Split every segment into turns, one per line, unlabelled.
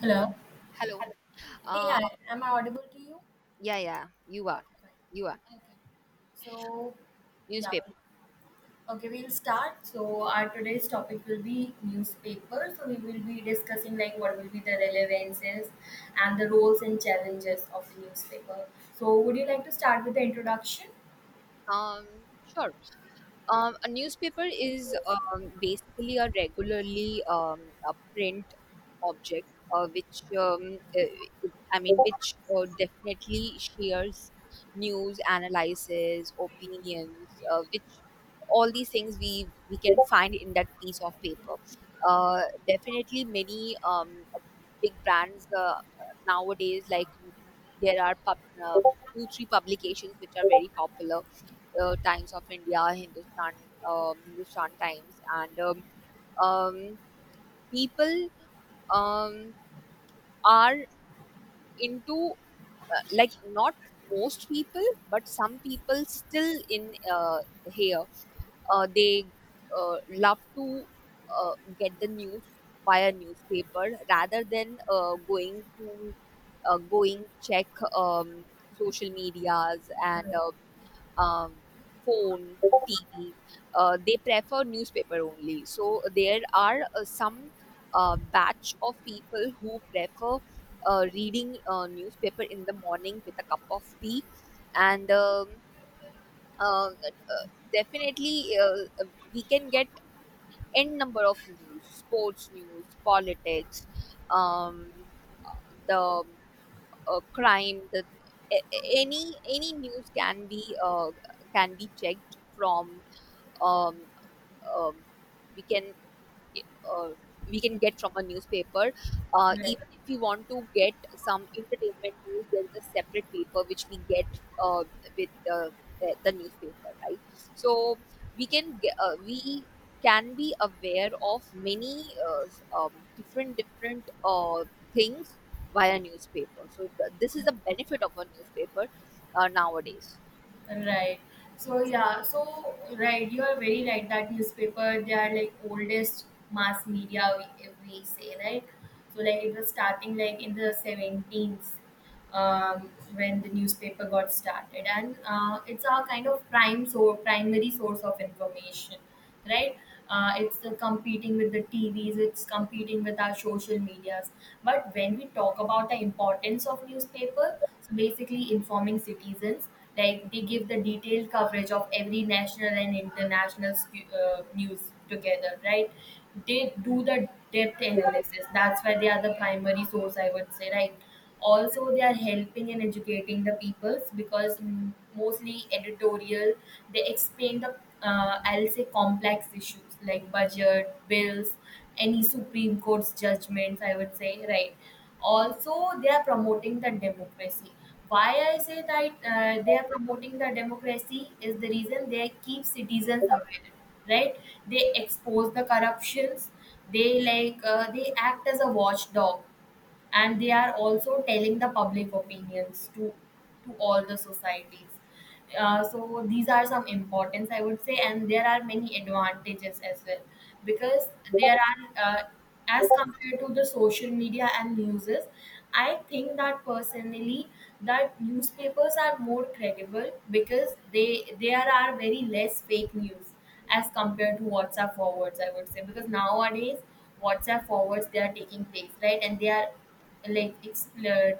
Hello.
Hello.
Hello. Hey,
Uh,
hi. Am I audible to you?
yeah, yeah, you are.
Okay,
You are.
fine. Okay. So, yeah.
Newspaper.
Okay, we'll start. So, our today's topic will be newspaper. So, we will be discussing like what will be the relevances and the roles and challenges of the newspaper. So, would you like to start with the introduction?
Sure. A newspaper is basically a print object, which uh, I mean, which definitely shares news, analysis, opinions, which all these things we can find in that piece of paper. Uh, Definitely, many big brands nowadays, like there are uh, two three publications which are very popular, Times of India, Hindustan Times, and um, people um, are into, like, not most people but some people still in here. They love to uh, get the news via newspaper rather than going check um, social medias, and
Hello.
um, phone, TV. They prefer newspaper only. So there are some batch of people who prefer reading newspaper in the morning with a cup of tea, and uh, uh, definitely we can get n number of news, sports news, politics, um, the crime, a- any news can be, can be checked from, um, um, we can uh, we can get from a newspaper.
Right.
Even if we want to get some entertainment news, there is a separate paper which we get uh, with the newspaper, right? So we can get, we can be aware of many different things via newspaper. So this is
Yeah.
the benefit of a newspaper nowadays.
Right. So yeah, so right, you are very right that newspaper they are like oldest mass media we, if we say, right. So like it was starting like in the seventeens, when the newspaper got started, and it's our kind of prime so primary source of information, right. Uh, it's competing with the TVs, it's competing with our social medias, but when we talk about the importance of newspaper, so basically informing citizens, like they give the detailed coverage of every national and international news together, right. They do the depth analysis, that's why they are the primary source, I would say, right. Also they are helping and educating the peoples because, mostly editorial, they explain the I'll say complex issues like budget bills, any supreme court's judgments, I would say, right. Also they are promoting the democracy. Why I say that they are promoting the democracy is the reason they keep citizens aware, right. They expose the corruptions, they like they act as a watchdog, and they are also telling the public opinions to all the societies. Uh, so these are some importance I would say, and there are many advantages as well because there are as compared to the social media and newses, I think that personally that newspapers are more credible because they there are very less fake news as compared to WhatsApp forwards, I would say, because nowadays WhatsApp forwards they are taking place, right? And they are like explored,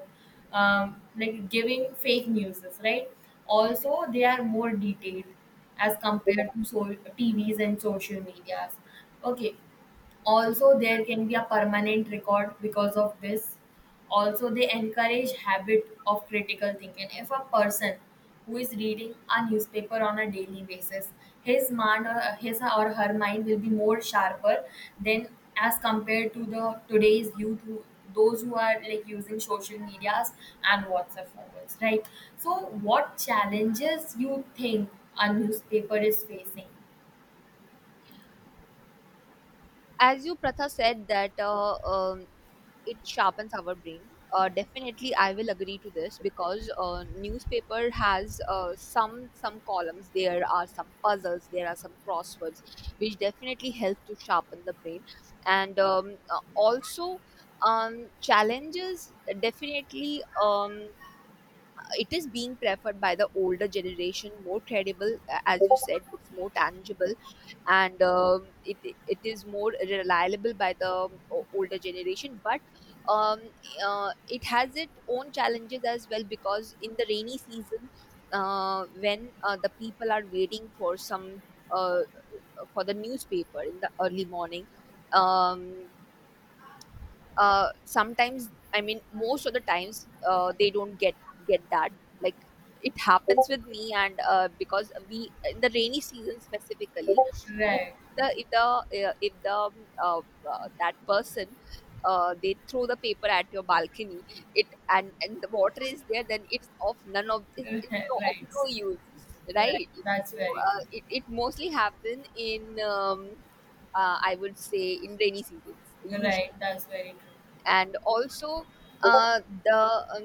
like giving fake news, right?
Hmm.
Also, they are more detailed as compared to TVs and social medias. Okay, also there can be a permanent record because of this. Also they encourage habit of critical thinking. If a person who is reading a newspaper on a daily basis, his mind or his or her mind will be more sharper than, as compared to the today's youth, who, those who are like using social medias and WhatsApp forwards, right? So what challenges you think a newspaper is facing,
As you Pratha said, that it sharpens our brain. Definitely, I will agree to this because newspaper has some columns. There are some puzzles. There are some crosswords, which definitely help to sharpen the brain. And also, challenges, definitely. It is being preferred by the older generation, more credible, as you said, it's more tangible, and it is more reliable by the older generation, but um, it has its own challenges as well, because in the rainy season, when the people are waiting for some uh, for the newspaper in the early morning, um, sometimes, I mean most of the times, they don't get that, like, it happens with me. And because we, in the rainy season specifically, if
right?
the if the if the uh, that person, they throw the paper at your balcony, it, and the water is there, then it's of none of it, it's no, of
Right.
no use,
Right,
right?
that's
So
very true.
it mostly happen in, I would say, in rainy seasons usually.
Right, that's very true.
And also, the um,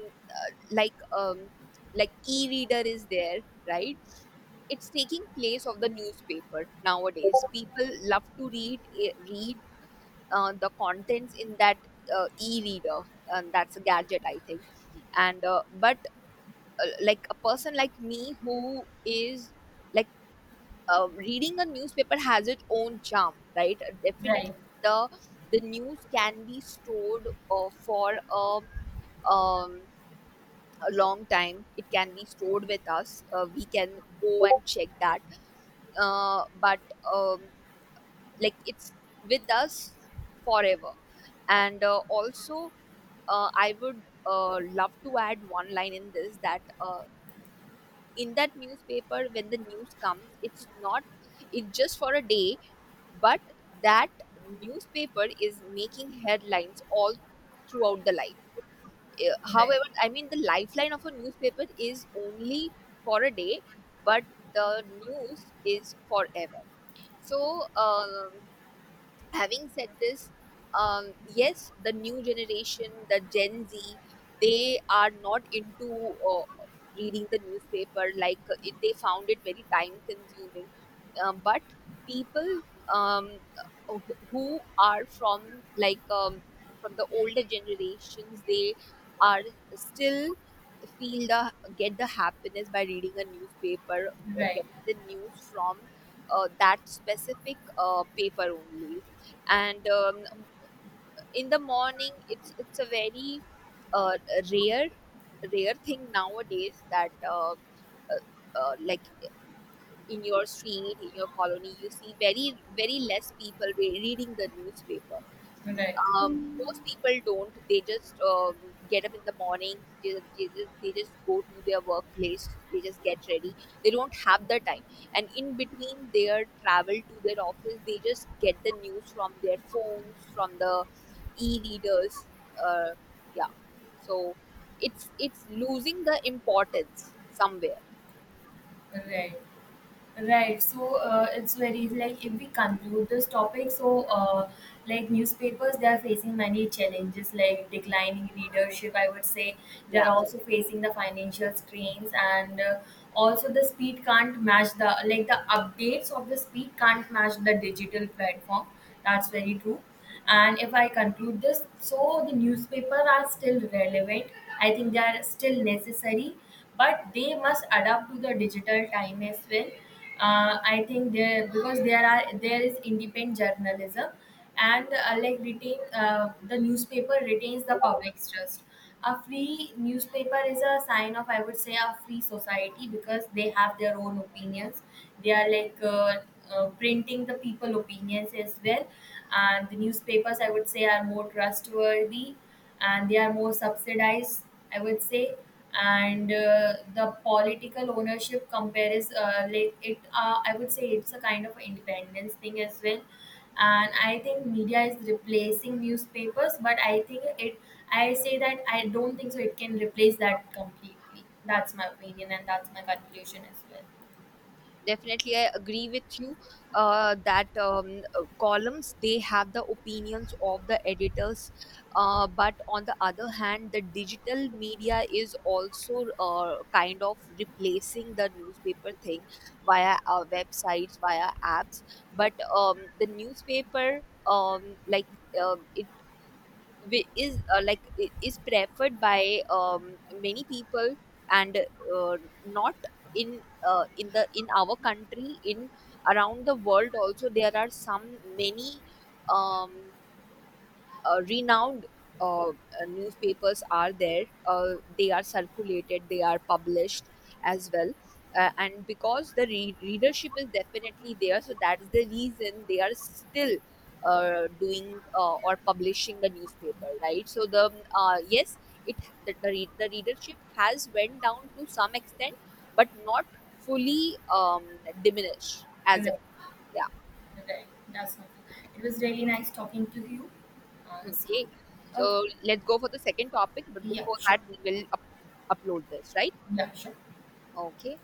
like, e-reader is there, right? It's taking place of the newspaper. Nowadays, people love to read, the contents in that e-reader, and that's a gadget, I think. And but like, a person like me who is, like, reading a newspaper, has its own charm, right? Definitely,
Right,
the the news can be stored for um, a long time. It can be stored with us. We can go and check that. But um, like, it's with us forever. And also, I would love to add one line in this, that in that newspaper, when the news comes, it's not, it's just for a day, but that newspaper is making headlines all throughout the life. Eh,
right,
however I mean the lifeline of a newspaper is only for a day, but the news is forever. So um, having said this, yes, the new generation, the Gen Z, they are not into reading the newspaper. Like, they found it very time consuming. But people, um, uh, who are from, like, from the older generations, they are still feel the get the happiness by reading a newspaper,
right,
get the news from that specific paper only. And in the morning, it's a very uh, rare rare thing nowadays, that like, in your street, in your colony, you see very very less people reading the newspaper.
right,
um, Most people don't. They just get up in the morning. They just go to their workplace. They just get ready. They don't have the time. And in between their travel to their office, they just get the news from their phones, from the e-readers. Uh, yeah. So it's losing the importance somewhere.
right, right. So it's very like, if we conclude this topic, so like newspapers, they are facing many challenges like declining readership, I would say. They
Yeah.
are also facing the financial strains and. Also the speed can't match, the like the updates of the speed can't match the digital platform, that's very true. And if I conclude this, so the newspaper are still relevant. I think they are still necessary, but they must adapt to the digital time as well. I think there because there is independent journalism, and like retain the newspaper retains the public's trust. A free newspaper is a sign of, I would say, a free society because they have their own opinions. They are like printing the people opinions as well. And the newspapers, I would say, are more trustworthy, and they are more subsidized, I would say. And the political ownership compares like it, I would say, it's a kind of independence thing as well. And I think media is replacing newspapers, but I think it, I say that, I don't think so it can replace that completely. That's my opinion and that's my conclusion as well.
Definitely, I agree with you, that columns, they have the opinions of the editors, but on the other hand, the digital media is also kind of replacing the newspaper thing via our websites, via apps. But the newspaper, um, like uh, it is preferred by many people, and uh, not in in the, in our country, in around the world also, there are some, many um, renowned uh, uh, newspapers are there. They are circulated, they are published as well. And because the readership is definitely there, so that is the reason they are still doing or publishing the newspaper, right? So the, yes, it, the readership has went down to some extent, but not fully diminished as of,
Right.
yeah.
Right. That's my it was really nice talking to you. See
Okay.
you. Okay.
So let's go for the second topic, but
Yeah,
before that,
sure.
we will upload this, right?
Yeah, sure.
Okay.